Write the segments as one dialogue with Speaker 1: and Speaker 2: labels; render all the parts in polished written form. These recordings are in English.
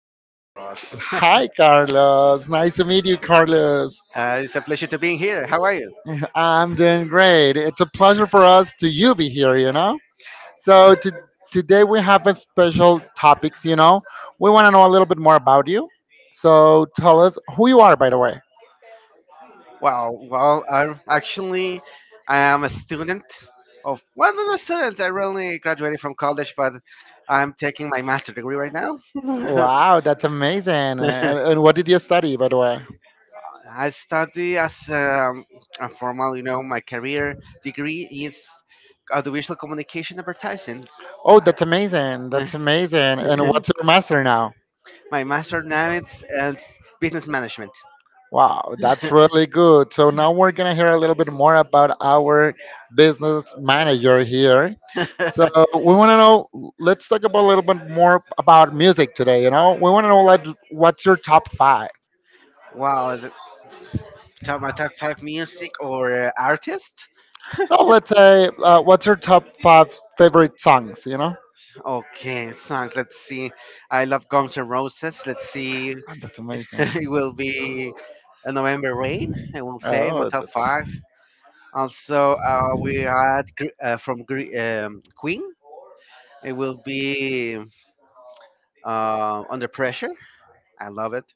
Speaker 1: Carlos.
Speaker 2: Hi, Carlos. Nice to meet you, Carlos.
Speaker 1: It's a pleasure to being here. How are you?
Speaker 2: I'm doing great. It's a pleasure for us to you be here, you know?
Speaker 1: Uh,
Speaker 2: So, today we have a special topics, you know? We want to know a little bit more about you. So, tell us who you are, by the way.
Speaker 1: Wow. Well, I am a student of well, not a student. I really graduated from college, but I'm taking my master degree right now.
Speaker 2: Wow, that's amazing. And what did you study, by the way?
Speaker 1: I study as a formal, my career degree is audiovisual communication advertising.
Speaker 2: Oh, that's amazing. That's amazing. And what's your master now?
Speaker 1: My master now it's business management.
Speaker 2: Wow, that's really good. So now we're going to hear a little bit more about our business manager here. So we want to know, let's talk about a little bit more about music today. You know, we want to know like, what's your top five?
Speaker 1: Wow, th- Top my top five music or artist?
Speaker 2: No, let's say, what's your top five favorite songs, you know?
Speaker 1: Okay, songs. Let's see. I love Guns N' Roses. Let's see.
Speaker 2: Ah, that's amazing.
Speaker 1: It will be a November Rain. I will say my
Speaker 2: Oh,
Speaker 1: top
Speaker 2: that's.
Speaker 1: five. Also, we had Queen. It will be Under Pressure. I love it.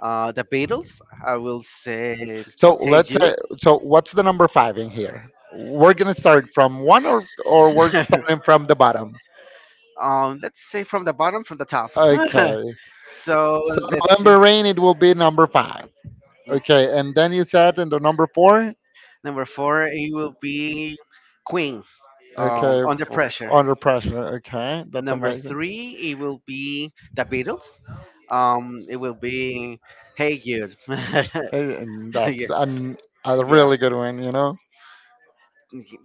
Speaker 1: The Beatles. I will say
Speaker 2: So
Speaker 1: Hey
Speaker 2: let's
Speaker 1: Jude.
Speaker 2: say, so what's the number five in here? We're gonna start from one or we're starting from the bottom.
Speaker 1: Let's say from the bottom, from the top.
Speaker 2: Okay.
Speaker 1: So
Speaker 2: So
Speaker 1: let's see.
Speaker 2: November Rain, it will be number five. Okay, and then you said in the number four.
Speaker 1: Number four, it will be Queen,
Speaker 2: Okay,
Speaker 1: Under Pressure.
Speaker 2: Under Pressure. Okay, that's
Speaker 1: Number
Speaker 2: amazing.
Speaker 1: three, it will be The Beatles. It will be Hey Jude.
Speaker 2: Hey, and
Speaker 1: Yeah,
Speaker 2: that's a
Speaker 1: yeah.
Speaker 2: really good one, you know.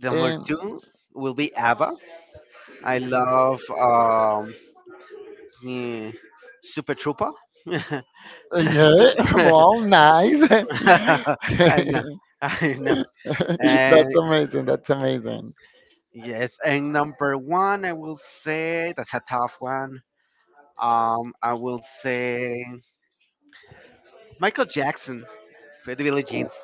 Speaker 1: Number
Speaker 2: And
Speaker 1: two will be ABBA. I love eh, Super Trooper.
Speaker 2: Voodoo.
Speaker 1: So-
Speaker 2: Yeah, well, nice.
Speaker 1: I know, I know. And
Speaker 2: That's amazing. That's amazing.
Speaker 1: yes, and number one, I will say that's a tough one. I will say Michael Jackson for the Billie Jeans.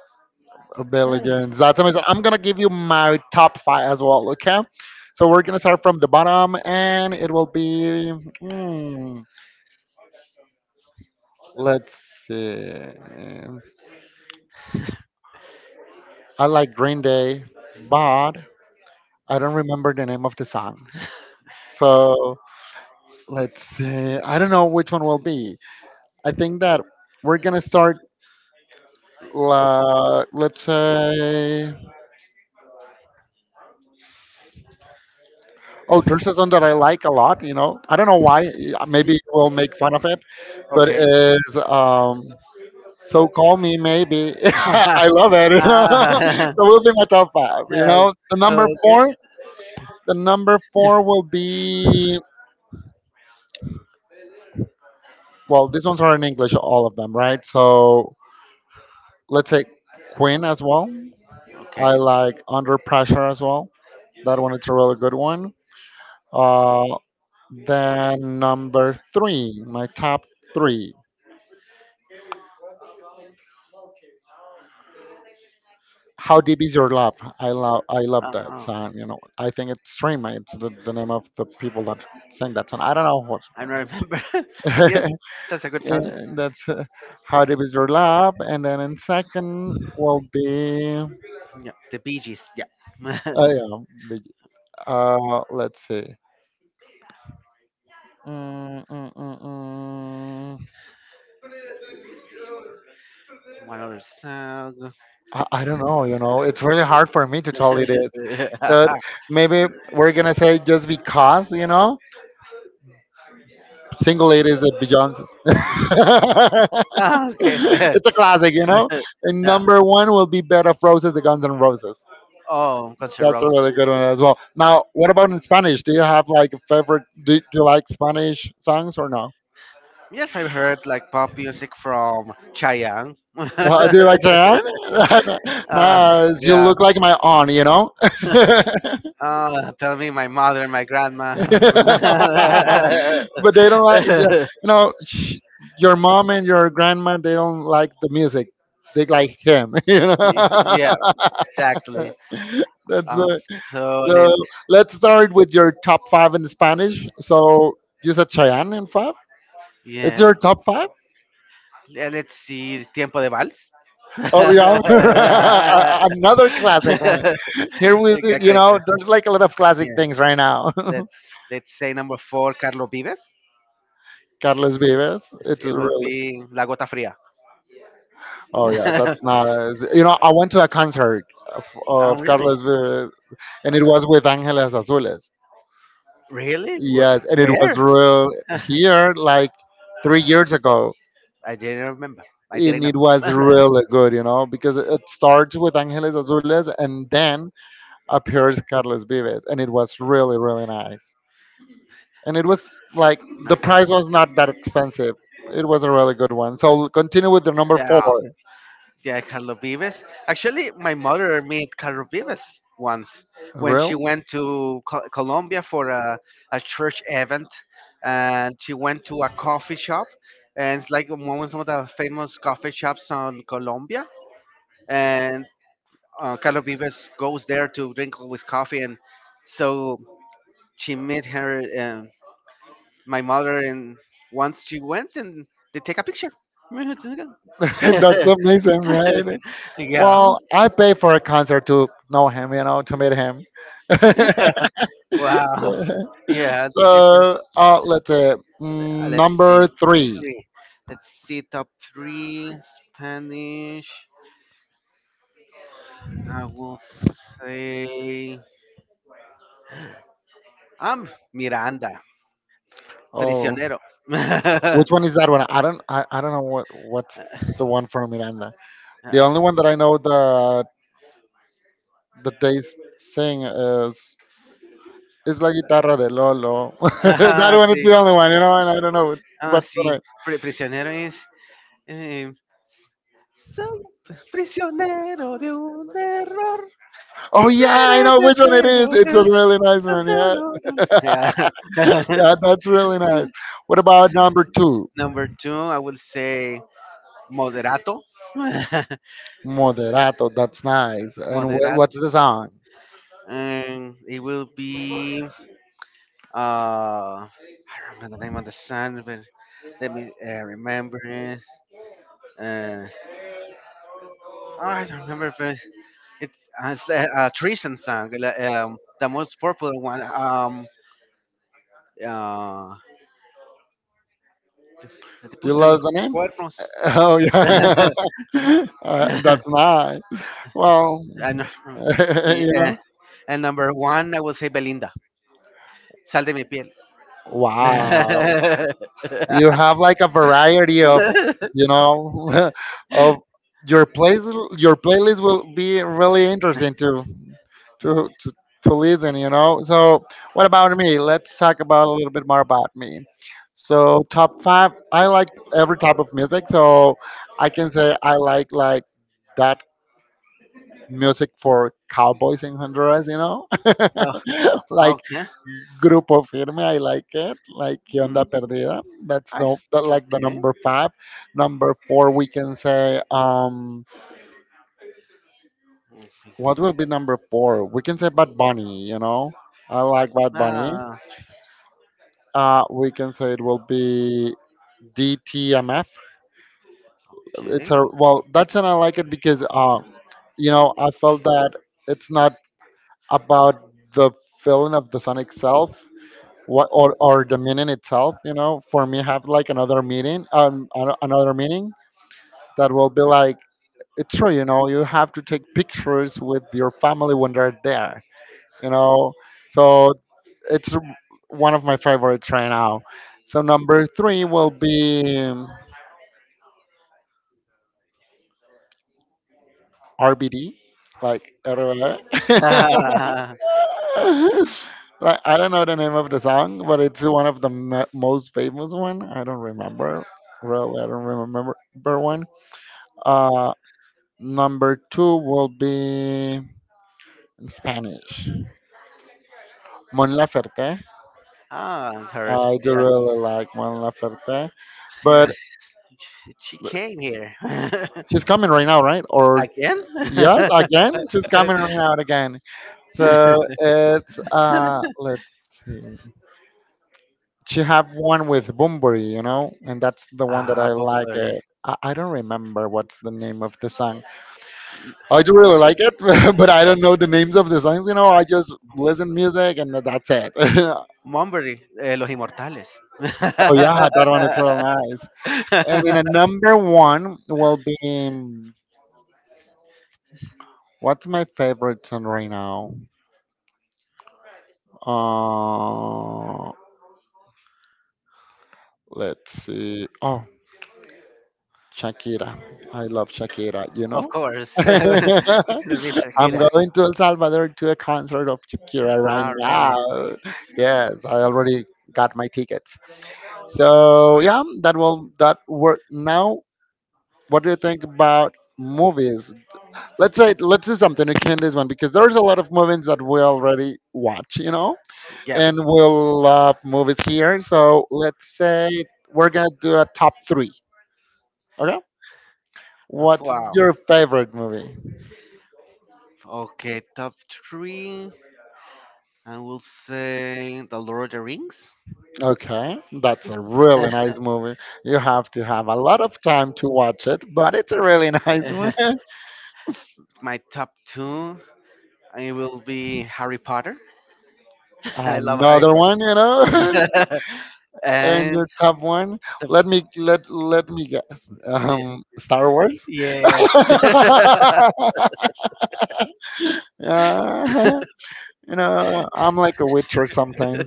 Speaker 2: A
Speaker 1: Yeah,
Speaker 2: billion. That's amazing. I'm gonna give you my top five as well. Okay. So we're gonna start from the bottom, and it will be. mm, let's see. I like Green Day, but I don't remember the name of the song. So let's see. I don't know which one will be. I think that we're gonna start. Let's say. Oh, there's a song that I like a lot. You know, I don't know why.
Speaker 1: really?
Speaker 2: Maybe we'll make fun of it, but
Speaker 1: Okay.
Speaker 2: is so call me maybe. I love it. You know,
Speaker 1: Ah,
Speaker 2: so will be my top five. You
Speaker 1: yeah,
Speaker 2: know, the number
Speaker 1: okay.
Speaker 2: four. The number four will be well. These ones are in English, all of them, right? So let's say Queen as well. I
Speaker 1: Okay.
Speaker 2: like Under Pressure as well. That one is a really good one. Uh, then number three, my top three. How Deep Is Your Love? I love that
Speaker 1: Oh,
Speaker 2: song. You know, I think it's Stream. It's the name of the people that sang that song. I don't know what's.
Speaker 1: I don't remember. But yes, that's a good song.
Speaker 2: And that's How Deep Is Your Love, and then in second will be.
Speaker 1: Yeah, the Bee Gees. Yeah.
Speaker 2: Oh yeah, big, let's see. Mm, mm, mm, mm.
Speaker 1: One other song.
Speaker 2: I don't know. You know, it's really hard for me to tell it is. So maybe we're gonna say just because. You know, Single Ladies at Beyonce's.
Speaker 1: Ah, okay.
Speaker 2: It's a classic, you know. And
Speaker 1: Yeah.
Speaker 2: number one will be Bed of Roses, the Guns N' Roses.
Speaker 1: Oh, Guns N'
Speaker 2: That's a
Speaker 1: Roses.
Speaker 2: really good one as well. Now, what about in Spanish? Do you have like a favorite? Do you like Spanish songs or no?
Speaker 1: Yes, I've heard like pop music from Chayanne.
Speaker 2: Do you like Chayanne?
Speaker 1: uh,
Speaker 2: No, you
Speaker 1: yeah.
Speaker 2: look like my aunt, you know. But
Speaker 1: Oh, tell me my mother and my grandma.
Speaker 2: they don't like, know, sh- your mom and your grandma. They don't like the music. They like him, you know.
Speaker 1: Yeah, exactly.
Speaker 2: That's
Speaker 1: Um, so let
Speaker 2: so. Let's start with your top five in Spanish. So you said Cheyenne in five. It's
Speaker 1: yes,
Speaker 2: your top five?
Speaker 1: let's see Tiempo de Vals.
Speaker 2: Oh yeah, another classic one. Here we,
Speaker 1: Okay,
Speaker 2: you
Speaker 1: great,
Speaker 2: know,
Speaker 1: guys.
Speaker 2: There's like a lot of classic
Speaker 1: Yeah,
Speaker 2: things right now.
Speaker 1: let's say number four, Carlos Vives.
Speaker 2: Carlos Vives. It's
Speaker 1: It will
Speaker 2: really.
Speaker 1: be La Gota Fría.
Speaker 2: Oh yeah, that's nice. You know, I went to a concert of,
Speaker 1: Oh,
Speaker 2: of
Speaker 1: really?
Speaker 2: Carlos Vives, and it was with Angeles Azules.
Speaker 1: Really? Where?
Speaker 2: Yes, and it was
Speaker 1: Where?
Speaker 2: real here like 3 years ago.
Speaker 1: I didn't remember. I
Speaker 2: And
Speaker 1: didn't know.
Speaker 2: it was really good, you know, because it starts with Angeles Azules and then appears Carlos Vives, and it was really, really nice. And it was like the
Speaker 1: Okay.
Speaker 2: price was not that expensive. It was a really good one. So continue with the number four.
Speaker 1: Yeah. Yeah, Carlo Vives. Actually, my mother met Carlo Vives once when she
Speaker 2: Really?
Speaker 1: went to Colombia for a church event, and she went to a coffee shop, and it's like one of the famous coffee shops on Colombia, and Carlo Vives goes there to drink with coffee, and so she met her, my mother, and once she went, and they take a picture.
Speaker 2: That's amazing, right?
Speaker 1: Yeah.
Speaker 2: Well, I pay for a concert to know him, you know, to meet him.
Speaker 1: Wow. Yeah, different.
Speaker 2: So let's say
Speaker 1: Let's see.
Speaker 2: number three.
Speaker 1: Three. Let's see. Top three Spanish. I will say. I'm Miranda.
Speaker 2: Oh.
Speaker 1: Prisionero.
Speaker 2: Which one is that one? I don't know what's the one from Miranda. The only one that I know that they sing is La Guitarra de Lolo. That
Speaker 1: Ah, ah,
Speaker 2: one is
Speaker 1: sí.
Speaker 2: the only one, you know, and I don't know
Speaker 1: Ah,
Speaker 2: what's the
Speaker 1: sí.
Speaker 2: name.
Speaker 1: Prisionero es. eh, Soy prisionero de un error.
Speaker 2: Oh yeah, I know which one it is. It's a really nice one, yeah.
Speaker 1: Yeah.
Speaker 2: Yeah, that's really nice. What about number two?
Speaker 1: Number two, I will say. Moderato.
Speaker 2: Moderato, that's nice. And what's
Speaker 1: Moderato.
Speaker 2: the song?
Speaker 1: And it will be I don't remember the name of the song, but let me remember it. Uh, oh, I don't remember, but it's a Treason song, the most popular one. Uh, te, te
Speaker 2: Do you
Speaker 1: puse los
Speaker 2: love the name?
Speaker 1: cuernos.
Speaker 2: Oh yeah, that's nice. Well,
Speaker 1: and,
Speaker 2: you
Speaker 1: uh,
Speaker 2: know,
Speaker 1: and number one, I will say Belinda. Sal de mi piel.
Speaker 2: wow, you have like a variety of, you know, of your place your playlist will be really interesting to to to, to listen, you know. So what about me? Let's talk about a little bit more about me. So top five, I like every type of music. So I can say I like that music for cowboys in Honduras, you know.
Speaker 1: Oh,
Speaker 2: Like
Speaker 1: okay.
Speaker 2: Group of Firme, I like it. Like
Speaker 1: Mm,
Speaker 2: Onda Perdida, that's
Speaker 1: I
Speaker 2: no, that like the
Speaker 1: okay.
Speaker 2: number five. Number four, we can say
Speaker 1: Mm.
Speaker 2: what will be number four? We can say Bad Bunny. You know, I like Bad Bunny.
Speaker 1: Ah,
Speaker 2: We can say it will be DTMF. It's
Speaker 1: okay.
Speaker 2: a well, that's, and I like it because you know, I felt that it's not about the feeling of the song itself. What or the meeting itself, you know, for me have like another meeting, another meeting that will be like it's true. You know, you have to take pictures with your family when they're there, you know. So it's one of my favorites right now. So number three will be RBD, like,
Speaker 1: Ah,
Speaker 2: like, I don't know the name of the song, but it's one of the most famous one. I don't remember, really. I don't remember one. Uh, Number two will be in Spanish. Mon Laferte.
Speaker 1: ah, I've heard.
Speaker 2: I do
Speaker 1: Yeah,
Speaker 2: really like Mon Laferte, but
Speaker 1: yes. She came here
Speaker 2: she's coming right now, right? Or
Speaker 1: again.
Speaker 2: yes, again, she's coming right now again. So it's let's see. She have one with Bumburi, you know, and that's the one that I like
Speaker 1: Bunbury.
Speaker 2: it. I don't remember what's the name of the song. I do really
Speaker 1: Bu-
Speaker 2: like it, but I don't know the names of the songs. You know, I just listen music and that's it.
Speaker 1: Bunbury, Los Inmortales.
Speaker 2: Oh yeah, that one is real nice. And in a number one will be what's my favorite song right now? Uh, let's see. Oh, Shakira. I love Shakira. You
Speaker 1: Of
Speaker 2: know.
Speaker 1: course, Mr.
Speaker 2: I'm
Speaker 1: Kira.
Speaker 2: going to El Salvador to a concert of Shakira right
Speaker 1: Ah, really?
Speaker 2: now. Yes, I already got my tickets. So yeah, that will that work now. What do you think about movies? Let's say let's do something akin this one because there's a lot of movies that we already watch, you know,
Speaker 1: Yep.
Speaker 2: and we'll love movies here. So let's say we're gonna do a top three. Okay, what's
Speaker 1: Wow.
Speaker 2: your favorite movie?
Speaker 1: Okay, top three. I will say The Lord of the Rings.
Speaker 2: Okay, that's a really nice movie. You have to have a lot of time to watch it, but it's a really nice one.
Speaker 1: My top two. It will be Harry Potter. I love Harry
Speaker 2: Another one, you know,
Speaker 1: Potter.
Speaker 2: and
Speaker 1: And
Speaker 2: your top one. Let
Speaker 1: the,
Speaker 2: me let let me guess.
Speaker 1: eh,
Speaker 2: Star Wars.
Speaker 1: yes.
Speaker 2: Yeah, you know, I'm like a witcher sometimes.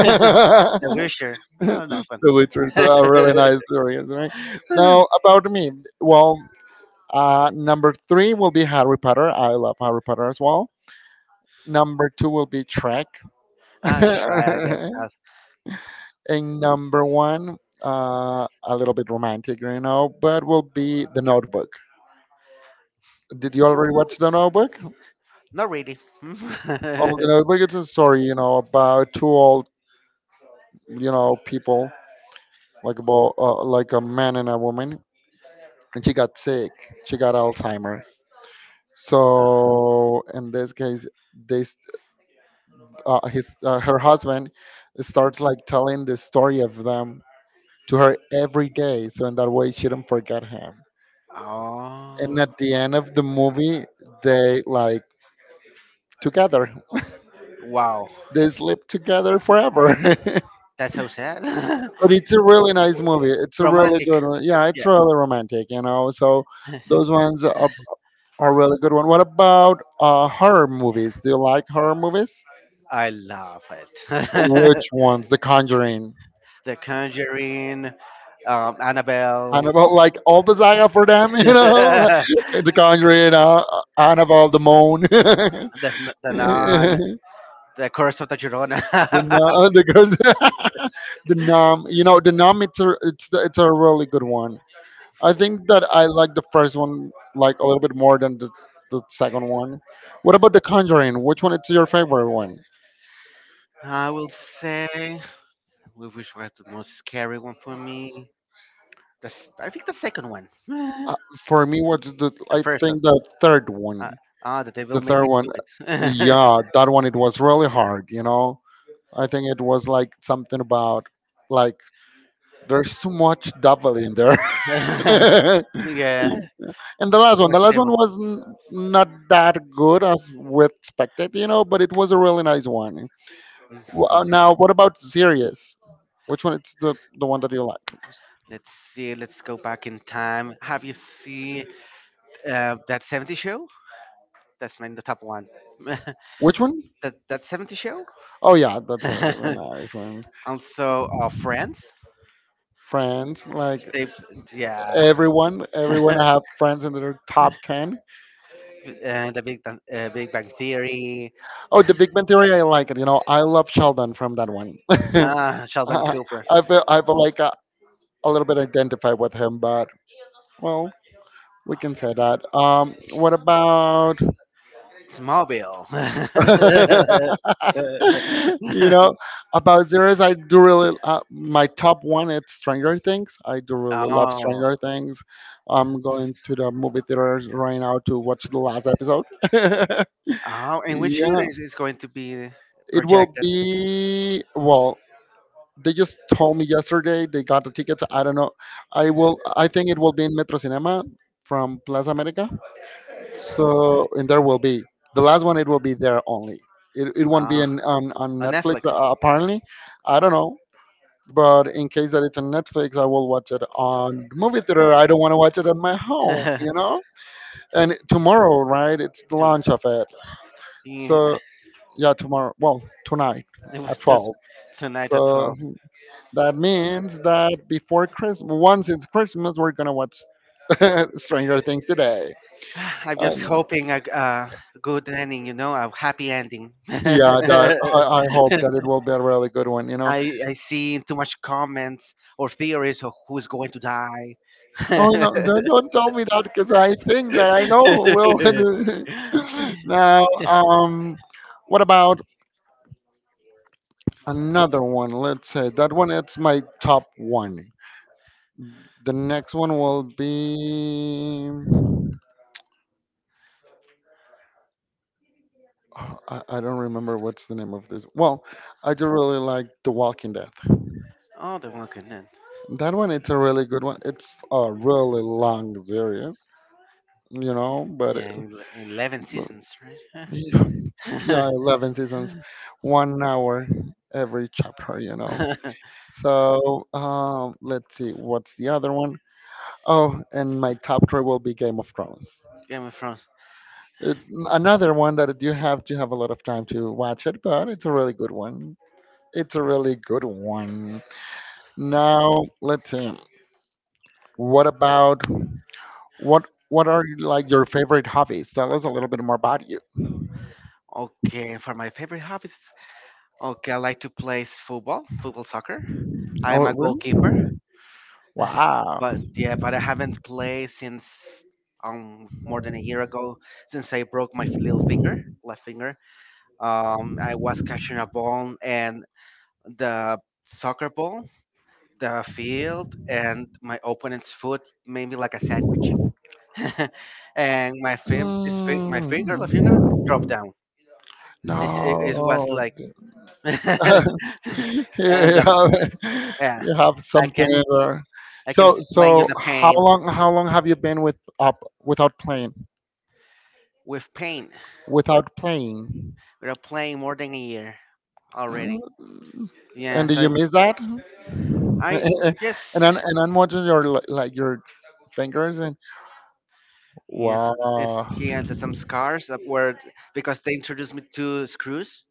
Speaker 1: The Wisher. No, not fun.
Speaker 2: witchers are really nice stories, right? Now, about me, well, number three will be Harry Potter. I love Harry Potter as well. Number two will be Trek.
Speaker 1: Ah, sure, I guess.
Speaker 2: And number one, a little bit romantic, you know, but will be The Notebook. Did you already watch The Notebook?
Speaker 1: Not really.
Speaker 2: Oh, The Notebook is a story, about two old, you know, people, like a man and a woman, and she got sick. She got Alzheimer. So in this case, this his her husband starts like telling the story of them to her every day. So in that way, she don't forget him. And
Speaker 1: Oh,
Speaker 2: at the end of the movie, they like together.
Speaker 1: wow.
Speaker 2: They sleep together forever. But
Speaker 1: That's so sad.
Speaker 2: it's a really nice movie. It's a really
Speaker 1: Romantic.
Speaker 2: good one. Yeah, it's
Speaker 1: Yeah,
Speaker 2: really romantic, you know. So those ones, a really good one. What about horror movies? Do you like horror movies?
Speaker 1: I love it.
Speaker 2: Which ones? The Conjuring.
Speaker 1: The Conjuring, Annabelle,
Speaker 2: Annabelle, like all the saga for them, you know?
Speaker 1: the,
Speaker 2: The Conjuring, Annabelle, the Moan, the,
Speaker 1: the Nun.
Speaker 2: Nun-
Speaker 1: The Curse of the Girona.
Speaker 2: the, Curse- the Nom. You know, the Numb. It's a really good one. I think that I like the first one like a little bit more than the second one. What about The Conjuring? Which one is your favorite one?
Speaker 1: I will say, which was the most scary one for me? I think the second one.
Speaker 2: Uh, for me,
Speaker 1: The
Speaker 2: I
Speaker 1: first one.
Speaker 2: think the third
Speaker 1: Uh,
Speaker 2: one,
Speaker 1: the devil
Speaker 2: the
Speaker 1: made
Speaker 2: third
Speaker 1: me
Speaker 2: one,
Speaker 1: do it.
Speaker 2: yeah, that one it was really hard. You know, I think it was like something about like there's too much double in there. And
Speaker 1: Yeah,
Speaker 2: the
Speaker 1: George
Speaker 2: last one
Speaker 1: Devil.
Speaker 2: was not that good as we expected, you know, but it was a really nice one.
Speaker 1: Mhm.
Speaker 2: Now, what about Sirius? Which one is the one that you like?
Speaker 1: Let's see. Let's go back in time. Have you seen that 70 show? That's my the top one.
Speaker 2: Which one?
Speaker 1: that that 70 show.
Speaker 2: Oh yeah, that's a really nice one.
Speaker 1: Also, Friends.
Speaker 2: Friends, like.
Speaker 1: They, yeah.
Speaker 2: Everyone I have friends in their top 10.
Speaker 1: The Big Bang Theory.
Speaker 2: Oh, the Big Bang Theory, I like it, you know. I love Sheldon from that one. i
Speaker 1: Ah, Sheldon Cooper.
Speaker 2: feel i feel like a little bit identified with him, but well, we can say that. What about,
Speaker 1: Smallville.
Speaker 2: you know, about zeros? I do really, my top one, it's Stranger Things. I do really love
Speaker 1: Oh.
Speaker 2: Stranger Things. I'm going to the movie theaters right now to watch the last episode.
Speaker 1: Oh, and which year
Speaker 2: Yeah,
Speaker 1: is going to be
Speaker 2: it will
Speaker 1: projected?
Speaker 2: be, well. They just told me yesterday they got the tickets. I don't know. I will. I think it will be in Metro Cinema from Plaza America. So, and there will be the last one. It will be there only. It won't be
Speaker 1: Ah,
Speaker 2: in on
Speaker 1: on
Speaker 2: Netflix,
Speaker 1: Netflix.
Speaker 2: apparently. I don't know. But in case that it's on Netflix, I will watch it on the movie theater. I don't want to watch it on my home, you know. And tomorrow, right? It's the
Speaker 1: To-
Speaker 2: launch of it.
Speaker 1: yeah,
Speaker 2: So yeah, tomorrow. Well, tonight at
Speaker 1: to-
Speaker 2: 12.
Speaker 1: Tonight at
Speaker 2: So
Speaker 1: 12.
Speaker 2: that means that before Christmas, once it's Christmas, we're gonna watch Stranger Things today.
Speaker 1: I'm
Speaker 2: I
Speaker 1: just
Speaker 2: know.
Speaker 1: hoping a good ending, a happy ending.
Speaker 2: Yeah, that I, I hope that it will be a really good one, you know.
Speaker 1: I see too much comments or theories of who's going to die.
Speaker 2: Oh no! Don't tell me that, because I think that I know who will. Now, what about another one? Let's say that one. It's my top one. The next one will be, oh, I don't remember what's the name of this. Well, I do really like The Walking Dead.
Speaker 1: Oh, the Walking Dead.
Speaker 2: That one, it's a really good one. It's a really long series, you know, but
Speaker 1: Yeah,
Speaker 2: it,
Speaker 1: 11
Speaker 2: but-
Speaker 1: seasons, right?
Speaker 2: yeah, yeah, 11 seasons, 1 hour every chapter, you know. So, let's see, what's the other one? Oh, and my top three will be Game of Thrones.
Speaker 1: Game of Thrones.
Speaker 2: It, another one that you have to have a lot of time to watch it, but it's a really good one. It's a really good one. Now, let's see. What about what what are like your favorite hobbies? Tell us a little bit more about you.
Speaker 1: Okay, for my favorite hobbies, okay, I like to play football, football soccer. I am
Speaker 2: Oh,
Speaker 1: a goalkeeper,
Speaker 2: really? Wow.
Speaker 1: but yeah, but I haven't played since more than a year ago, since I broke my little finger, left finger. I was catching a ball and the soccer ball, the field, and my opponent's foot made me like a sandwich. And my fin- this fi- my finger, the finger dropped
Speaker 2: Mm.
Speaker 1: down. It was
Speaker 2: No.
Speaker 1: like, and
Speaker 2: You
Speaker 1: the,
Speaker 2: have,
Speaker 1: yeah,
Speaker 2: you have
Speaker 1: I
Speaker 2: something
Speaker 1: can
Speaker 2: in there.
Speaker 1: I can
Speaker 2: So
Speaker 1: explain you the
Speaker 2: how
Speaker 1: pain
Speaker 2: long have you been without playing?
Speaker 1: with pain.
Speaker 2: Without playing.
Speaker 1: We're playing more than a year already.
Speaker 2: Mm. And do
Speaker 1: Yes,
Speaker 2: you miss that?
Speaker 1: I
Speaker 2: and and,
Speaker 1: yes
Speaker 2: and I'm watching your like your fingers and
Speaker 1: yes.
Speaker 2: wow,
Speaker 1: He had some scars that were because they introduced me to screws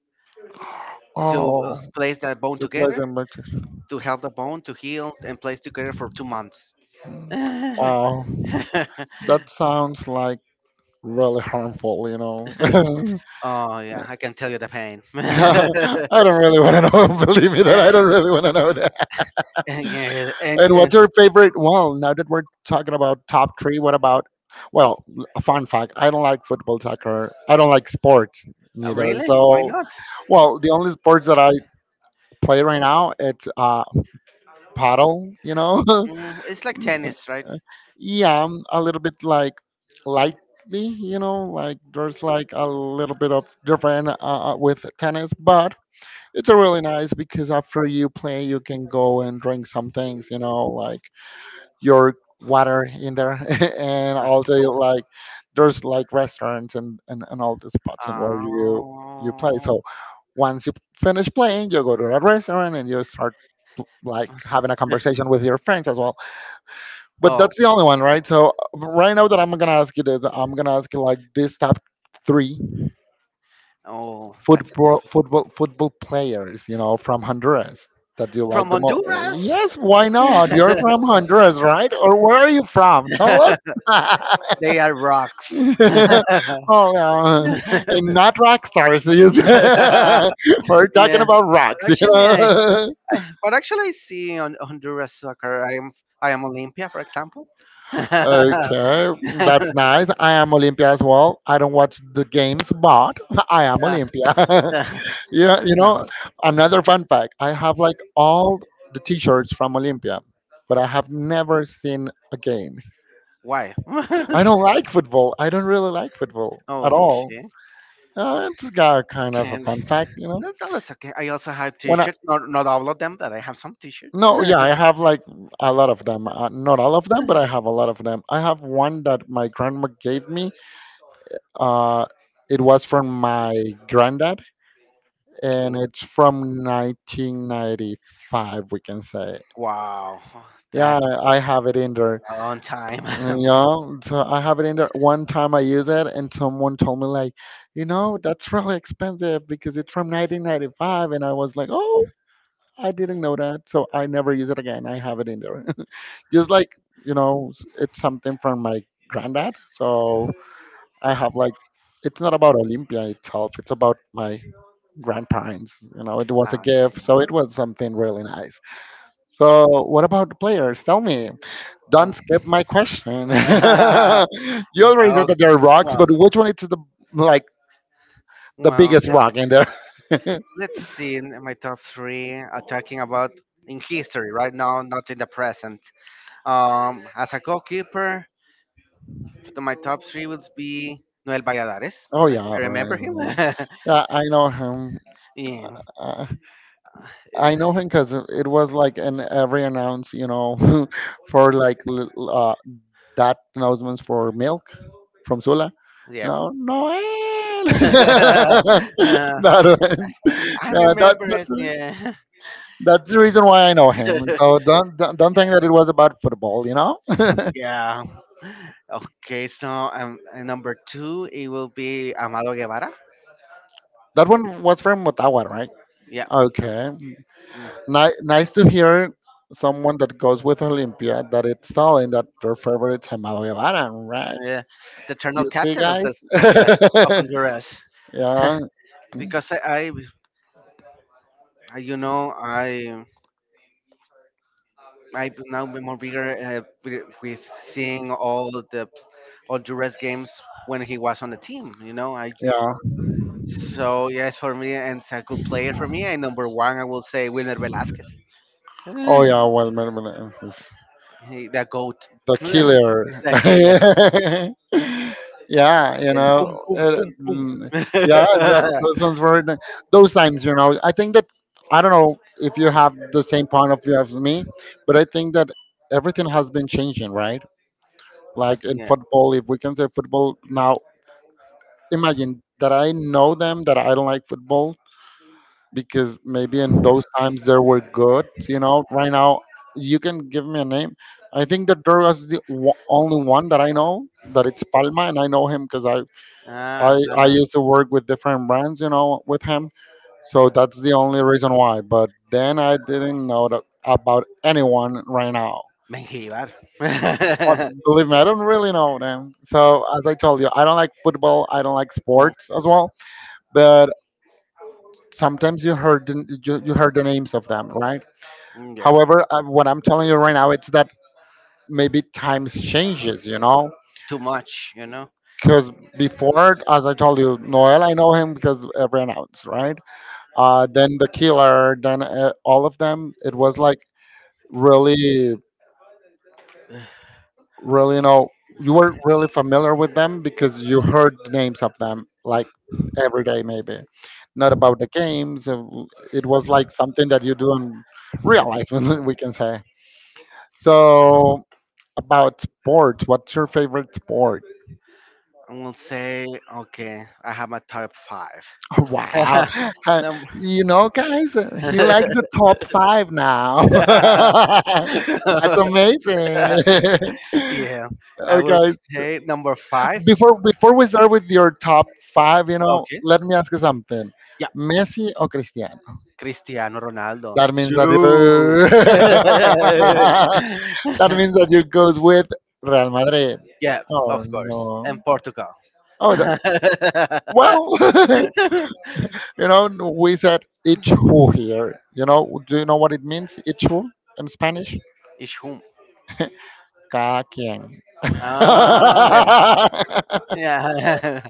Speaker 1: to
Speaker 2: oh,
Speaker 1: place that bone
Speaker 2: the
Speaker 1: together
Speaker 2: pleasant pictures.
Speaker 1: to help the bone to heal and place together for 2 months.
Speaker 2: Mm.
Speaker 1: Oh
Speaker 2: Wow, that sounds like really harmful, you know.
Speaker 1: yeah, I can tell you the pain.
Speaker 2: I don't really want to know. Believe me, that I don't really want to know that.
Speaker 1: Yeah, and
Speaker 2: And what's your favorite? Well, now that we're talking about top three, what about? Well, a fun fact: I don't like football, soccer. I don't like sports neither.
Speaker 1: really, why
Speaker 2: So,
Speaker 1: not?
Speaker 2: well, the only sports that I play right now, it's paddle, you know.
Speaker 1: Mm, it's like
Speaker 2: So,
Speaker 1: tennis, right?
Speaker 2: uh, yeah, I'm a little bit like lightly, you know, like there's like a little bit of different, with tennis, but it's a really nice because after you play, you can go and drink some things, you know, like your water in there, and also
Speaker 1: Oh,
Speaker 2: like there's like restaurants and, all the spots and where you play.
Speaker 1: oh,
Speaker 2: So once you finish playing, you go to a restaurant and you start like having a conversation with your friends as well. But
Speaker 1: oh,
Speaker 2: that's the only one, right? So right now that I'm gonna ask you this, I'm gonna ask you like this, top three
Speaker 1: oh, that's it.
Speaker 2: football players, you know, from Honduras that you like
Speaker 1: From
Speaker 2: the most?
Speaker 1: Honduras,
Speaker 2: Yes, why not? You're from Honduras, right? Or where are you from? Tell us.
Speaker 1: they are rocks.
Speaker 2: Oh, yeah, and not rock stars, you said. We're talking
Speaker 1: Yeah,
Speaker 2: about
Speaker 1: but
Speaker 2: rocks, you
Speaker 1: actually, I,
Speaker 2: know.
Speaker 1: actually I see on Honduras soccer. I am Olympia, for example.
Speaker 2: Okay, that's nice. I am Olympia as well. I don't watch the games, but I am
Speaker 1: Yeah,
Speaker 2: Olympia.
Speaker 1: yeah.
Speaker 2: Yeah, you
Speaker 1: No,
Speaker 2: know, another fun fact, I have like all the t-shirts from Olympia, but I have never seen a game.
Speaker 1: why?
Speaker 2: I don't like football. I don't really like football at all.
Speaker 1: Okay,
Speaker 2: It's got kind of a
Speaker 1: can
Speaker 2: fun fact, you know.
Speaker 1: no, no, that's okay. I also have
Speaker 2: When I,
Speaker 1: t-shirts. Not all of them, but I have some t-shirts.
Speaker 2: no, yeah,
Speaker 1: Okay.
Speaker 2: I have like a lot of them. Not all of them, but I have a lot of them. I have one that my grandma gave me. Uh, it was from my granddad, and it's from 1995, we can say.
Speaker 1: Wow,
Speaker 2: Yeah,
Speaker 1: that's
Speaker 2: I have it in there.
Speaker 1: a long time. I
Speaker 2: Yeah, so I have it in there. One time I use it, and someone told me like, you know, that's really expensive because it's from 1995, and I was like, oh, I didn't know that, so I never use it again. I have it in there, just like, you know, it's something from my granddad, so I have like, it's not about Olympia itself. It's about my grandparents. You know, it was a
Speaker 1: see.
Speaker 2: gift, so it was something really nice. So, what about the players? Tell me.
Speaker 1: Oh.
Speaker 2: Don't skip my question. You already said that there
Speaker 1: Okay.
Speaker 2: are rocks, but which one is the like the
Speaker 1: Well,
Speaker 2: biggest
Speaker 1: well,
Speaker 2: rock in there?
Speaker 1: let's see in my top three, talking about in history right now, not in the present, as a goalkeeper, my top three would be Noel Valladares.
Speaker 2: Oh
Speaker 1: I
Speaker 2: yeah, right.
Speaker 1: remember
Speaker 2: Right,
Speaker 1: him.
Speaker 2: right. Yeah, I know him.
Speaker 1: Yeah.
Speaker 2: Uh,
Speaker 1: Uh,
Speaker 2: I know him because it was like in every announce, you know, for like that announcements for milk from Sula. You
Speaker 1: yeah.
Speaker 2: know, Noel. That
Speaker 1: Uh,
Speaker 2: one.
Speaker 1: I
Speaker 2: Yeah,
Speaker 1: remember
Speaker 2: that.
Speaker 1: it. Yeah.
Speaker 2: That's the reason why I know him. So don't think
Speaker 1: Yeah,
Speaker 2: that it was about football, you know. That
Speaker 1: yeah, okay. So number two, it will be Amado Guevara.
Speaker 2: one was from Motagua, right?
Speaker 1: Yeah.
Speaker 2: Okay.
Speaker 1: Mm.
Speaker 2: Nice to hear someone that goes with Olympia that it's telling that their favorite is Amado Guevara, right?
Speaker 1: Yeah, the eternal
Speaker 2: You see,
Speaker 1: captain
Speaker 2: guys.
Speaker 1: of the of Honduras.
Speaker 2: Yeah,
Speaker 1: Because I you know I now be more bigger, with seeing all the all Honduras games when he was on the team. You know. I
Speaker 2: yeah.
Speaker 1: so Yes, for me, and it's a good player for me. And number one, I will say Wilmer Velasquez.
Speaker 2: Oh yeah. Well, well, well,
Speaker 1: The goat,
Speaker 2: the killer.
Speaker 1: the killer,
Speaker 2: Yeah, you
Speaker 1: el pum
Speaker 2: know,
Speaker 1: pum pum pum.
Speaker 2: yeah, those ones were the- those times. You know, I think that I don't know if you have the same point of view as me, but I think that everything has been changing, right? Like in
Speaker 1: Yeah.
Speaker 2: football, if we can say football now, imagine that I know them that I don't like football because maybe in those times they were good. You know, right now you can give me a name. I think that there was the only one that I know that it's Palma, and I know him because I, I
Speaker 1: Ah,
Speaker 2: I
Speaker 1: fan.
Speaker 2: used to work with different brands, you know, with him, so that's the only reason why. But then I didn't know that about anyone right now.
Speaker 1: Menjivar.
Speaker 2: But believe me, I don't really know them. So as I told you, I don't like football. I don't like
Speaker 1: Oh,
Speaker 2: sports as well. But sometimes you heard the, you heard the names of them, right?
Speaker 1: mm, yeah,
Speaker 2: However, I, what I'm telling you right now, it's that maybe times changes, you know,
Speaker 1: too much, you know.
Speaker 2: because before, as I told you, Noel, I know him because every announce, right? Then the killer, then all of them, it was like really, really, you know, you were really familiar with them because you heard the names of them like every day, maybe. Not about the games. It was like something that you do in real life, we can say. So about sports. What's your favorite sport?
Speaker 1: I will say, okay, I have my top five.
Speaker 2: Wow. Uh,
Speaker 1: Num-
Speaker 2: you know, guys, he likes the top five now. That's amazing.
Speaker 1: yeah, I
Speaker 2: Oh,
Speaker 1: will
Speaker 2: guys,
Speaker 1: say number five.
Speaker 2: before we start with your top five, you know,
Speaker 1: Okay,
Speaker 2: let me ask you something.
Speaker 1: yeah,
Speaker 2: Messi or Cristiano?
Speaker 1: Cristiano Ronaldo.
Speaker 2: That means that you
Speaker 1: True.
Speaker 2: that means that you goes with Real Madrid.
Speaker 1: Yeah, of
Speaker 2: Oh
Speaker 1: course,
Speaker 2: no.
Speaker 1: and Portugal.
Speaker 2: Oh, the, well. You know, we said ichu here. You know, do you know what it means, ichu, in Spanish?
Speaker 1: Ich hum.
Speaker 2: Cada quien.
Speaker 1: Ah, yeah, yeah.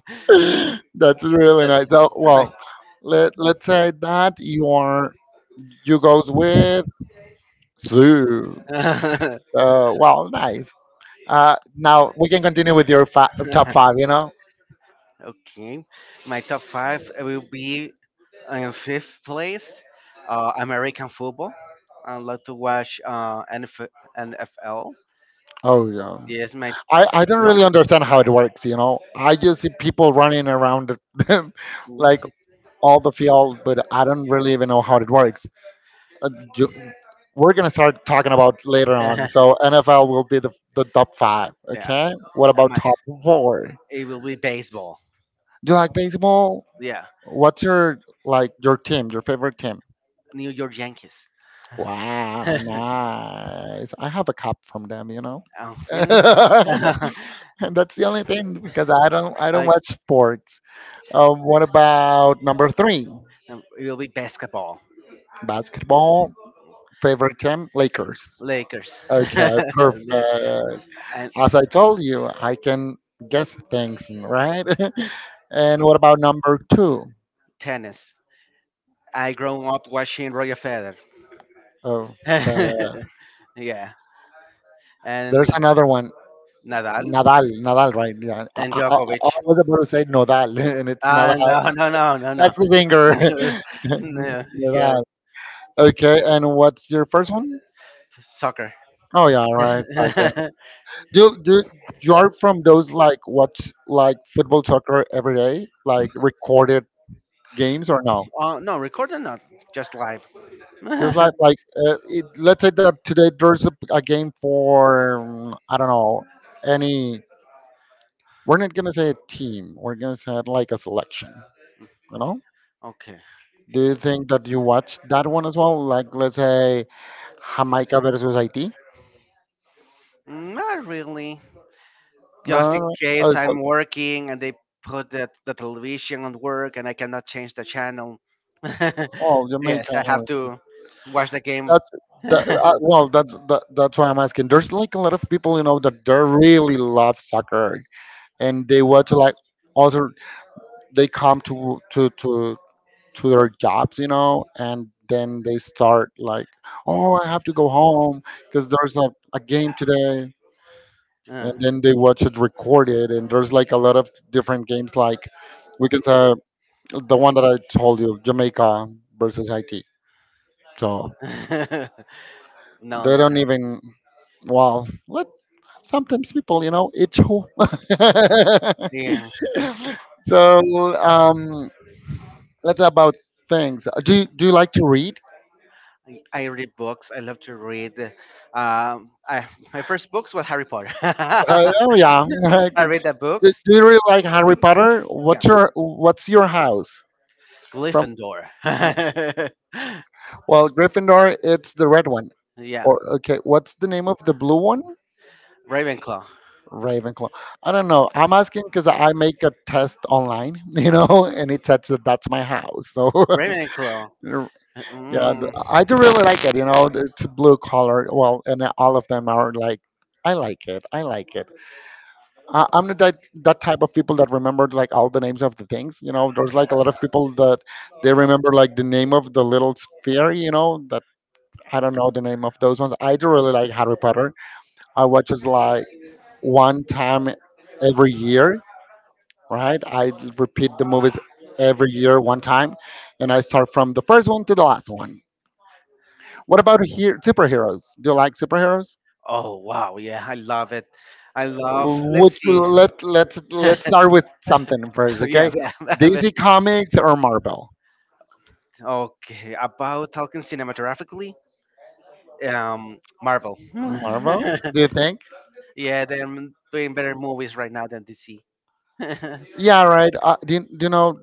Speaker 2: That's really nice. So, well,
Speaker 1: That's
Speaker 2: let's say that you are, you goes with zoo.
Speaker 1: nice.
Speaker 2: Well, nice. Now we can continue with your top five, you know?
Speaker 1: Okay, my top five will be in fifth place, American football. I love to watch NFL.
Speaker 2: Oh, yeah.
Speaker 1: Yes, my
Speaker 2: I don't
Speaker 1: No.
Speaker 2: really understand how it works, you know. I just see people running around
Speaker 1: Mm.
Speaker 2: like all the field, but I don't really even know how it works. Uh, ju- we're gonna start talking about later on. So NFL will be the top five.
Speaker 1: yeah,
Speaker 2: Okay. What about
Speaker 1: my
Speaker 2: top four?
Speaker 1: It will be baseball.
Speaker 2: Do you like baseball?
Speaker 1: Yeah,
Speaker 2: What's your like your team, your favorite team?
Speaker 1: New York Yankees.
Speaker 2: Wow,
Speaker 1: Oh,
Speaker 2: nice. I have a cup from them, you know.
Speaker 1: really?
Speaker 2: And that's the only thing because I don't
Speaker 1: I,
Speaker 2: watch sports. What about number three?
Speaker 1: it will be basketball,
Speaker 2: Basketball, favorite team, Lakers.
Speaker 1: Lakers.
Speaker 2: Okay, perfect.
Speaker 1: Yeah, and
Speaker 2: As I told you, I can guess things, right? And what about number two?
Speaker 1: tennis. I grew up watching Roger Federer.
Speaker 2: Oh, uh,
Speaker 1: Yeah, and
Speaker 2: there's another one.
Speaker 1: Nadal
Speaker 2: Nadal, Nadal, right? Yeah. I,
Speaker 1: and
Speaker 2: I, I
Speaker 1: Djokovic.
Speaker 2: I was about to say Nodal, and it's
Speaker 1: Ah,
Speaker 2: Nadal.
Speaker 1: no, no, no, no, no.
Speaker 2: That's the singer.
Speaker 1: No, yeah,
Speaker 2: Nadal. Okay, and what's your first one?
Speaker 1: soccer.
Speaker 2: Oh yeah, right. Okay. Do you are from those like watch like football soccer every day, like recorded games or no?
Speaker 1: Oh no, recorded not, just live.
Speaker 2: Just like it, let's say that today there's a game for I don't know any. We're not gonna say a team. We're gonna say it like a selection. You know?
Speaker 1: Okay.
Speaker 2: Do you think that you watched that one as well? Like let's say Jamaica versus Haiti.
Speaker 1: Not really. Just
Speaker 2: No,
Speaker 1: in
Speaker 2: no.
Speaker 1: case
Speaker 2: Oh, so,
Speaker 1: I'm working and they put the television on work and I cannot change the channel.
Speaker 2: oh
Speaker 1: Yes,
Speaker 2: Jamaica.
Speaker 1: I have
Speaker 2: No.
Speaker 1: to watch the game.
Speaker 2: That's well. That's why I'm asking. There's like a lot of people you know that they really love soccer and they watch like other. They come to their jobs, you know, and then they start like, oh, I have to go home because there's a game today. And
Speaker 1: Uh,
Speaker 2: then they watch it recorded, and there's like a lot of different games, like we can say the one that I told you, Jamaica versus Haiti. So
Speaker 1: no,
Speaker 2: they don't
Speaker 1: so,
Speaker 2: even, well, let sometimes people, you know, itch. Who.
Speaker 1: yeah.
Speaker 2: So um, let's about things. Do you like to read?
Speaker 1: I read books. I love to read. Um, I, my first books were Harry Potter. I
Speaker 2: Oh yeah. do,
Speaker 1: read the
Speaker 2: do
Speaker 1: books.
Speaker 2: you really like Harry Potter?
Speaker 1: Yeah,
Speaker 2: What's your house from?
Speaker 1: Gryffindor.
Speaker 2: Well, Gryffindor. It's the red one.
Speaker 1: Yeah,
Speaker 2: Or okay, what's the name of the blue one?
Speaker 1: Ravenclaw.
Speaker 2: Ravenclaw. I don't know. I'm asking because I make a test online, you know, and it says that that's my house. So
Speaker 1: Ravenclaw.
Speaker 2: yeah,
Speaker 1: Mm.
Speaker 2: I do really like it. You know, it's blue color. Well, and all of them are like, I like it. I like it. I'm not that type of people that remembered like all the names of the things. You know, there's like a lot of people that they remember like the name of the little sphere. You know, that I don't know the name of those ones. I do really like Harry Potter. I watch it like one time every year, right? I repeat the movies every year one time, and I start from the first one to the last one. What about here superheroes? Do you like superheroes?
Speaker 1: Oh wow, yeah, I love it. I love.
Speaker 2: Would
Speaker 1: Let's
Speaker 2: you
Speaker 1: see.
Speaker 2: let let's
Speaker 1: Yeah,
Speaker 2: let's start with something first,
Speaker 1: yeah.
Speaker 2: okay?
Speaker 1: I
Speaker 2: DC Comics or Marvel?
Speaker 1: Okay, about talking cinematographically, Marvel.
Speaker 2: Marvel, do you think?
Speaker 1: Yeah, they're doing better movies right now than DC.
Speaker 2: Yeah, right. You, do you know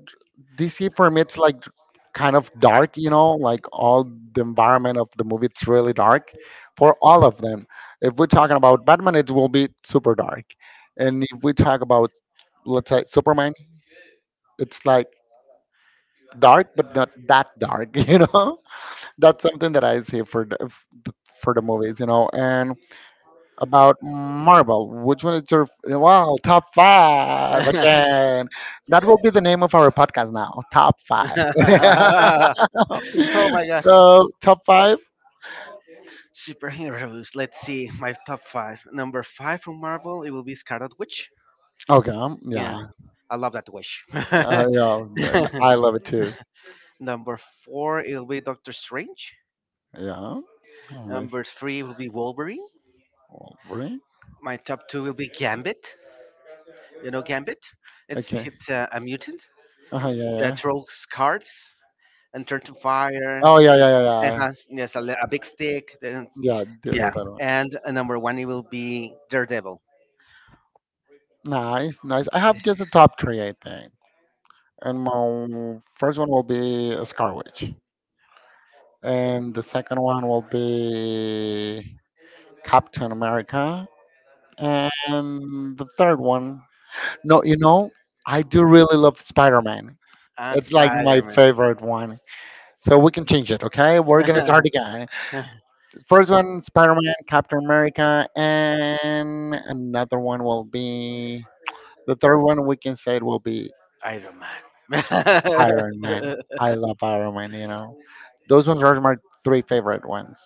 Speaker 2: DC for me? It's like kind of dark, you know, like all the environment of the movie. It's really dark for all of them. If we're talking about Batman, it will be super dark, and if we talk about let's say Superman, it's like dark but not that dark, you know. That's something that I say for the movies, you know. And about Marvel, which one is your wow top five again? That will be the name of our podcast now, top five.
Speaker 1: Oh my god.
Speaker 2: So top five.
Speaker 1: Superheroes. Let's see my top five. Number five from Marvel, it will be Scarlet Witch.
Speaker 2: Okay,
Speaker 1: Yeah,
Speaker 2: yeah,
Speaker 1: I love that witch.
Speaker 2: yeah, I love it too.
Speaker 1: Number four, it will be Doctor Strange.
Speaker 2: Yeah, all right.
Speaker 1: Number three will be Wolverine.
Speaker 2: Wolverine.
Speaker 1: My top two will be Gambit. You know Gambit? It's
Speaker 2: Okay.
Speaker 1: it's a mutant
Speaker 2: Uh-huh, yeah, yeah, yeah.
Speaker 1: that throws cards and turn to fire. So
Speaker 2: Oh yeah, yeah, yeah,
Speaker 1: yeah. It
Speaker 2: yeah.
Speaker 1: has yes a big stick.
Speaker 2: Yeah, dude,
Speaker 1: Yeah.
Speaker 2: that one.
Speaker 1: And number one, it will be Daredevil.
Speaker 2: Nice, nice. I have just the top three, I think. And my first one will be Scar Witch. And the second one will be Captain America. And the third one, no, you know, I do really love Spider Man.
Speaker 1: And
Speaker 2: It's like my
Speaker 1: Spider
Speaker 2: favorite one. So we can change it, okay? We're
Speaker 1: Man.
Speaker 2: gonna start again. First one, Spider Man, Captain America, and another one will be the third one we can say it will be
Speaker 1: Iron Man.
Speaker 2: Iron Man. I love Iron Man, you know. Those ones are my three favorite ones.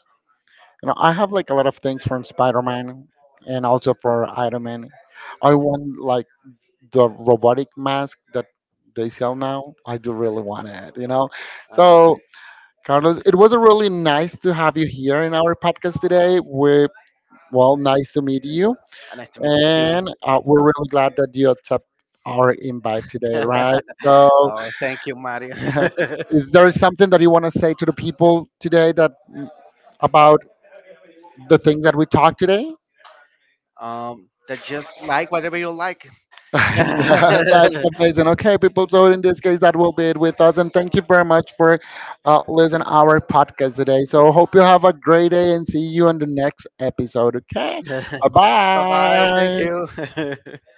Speaker 2: You know, I have like a lot of things from Spider Man and also for Iron Man. I want like the robotic mask that they sell now. I do really want it, you know.
Speaker 1: Oh,
Speaker 2: So, Carlos, it was really nice to have you here in our podcast today. We well, nice to meet you,
Speaker 1: nice to meet you
Speaker 2: and we're really glad that you accept our invite today,
Speaker 1: too.
Speaker 2: right? So,
Speaker 1: Oh, thank you, Mario.
Speaker 2: is there something that you want to say to the people today that about the things that we talked today?
Speaker 1: That just like whatever you like.
Speaker 2: And,
Speaker 1: Bye
Speaker 2: that's amazing. Okay, people. So in this case, that will be it with us. And thank you very much for listening our podcast today. So hope you have a great day and see you on the next episode. Okay, bye
Speaker 1: bye. Thank
Speaker 2: bye.
Speaker 1: you.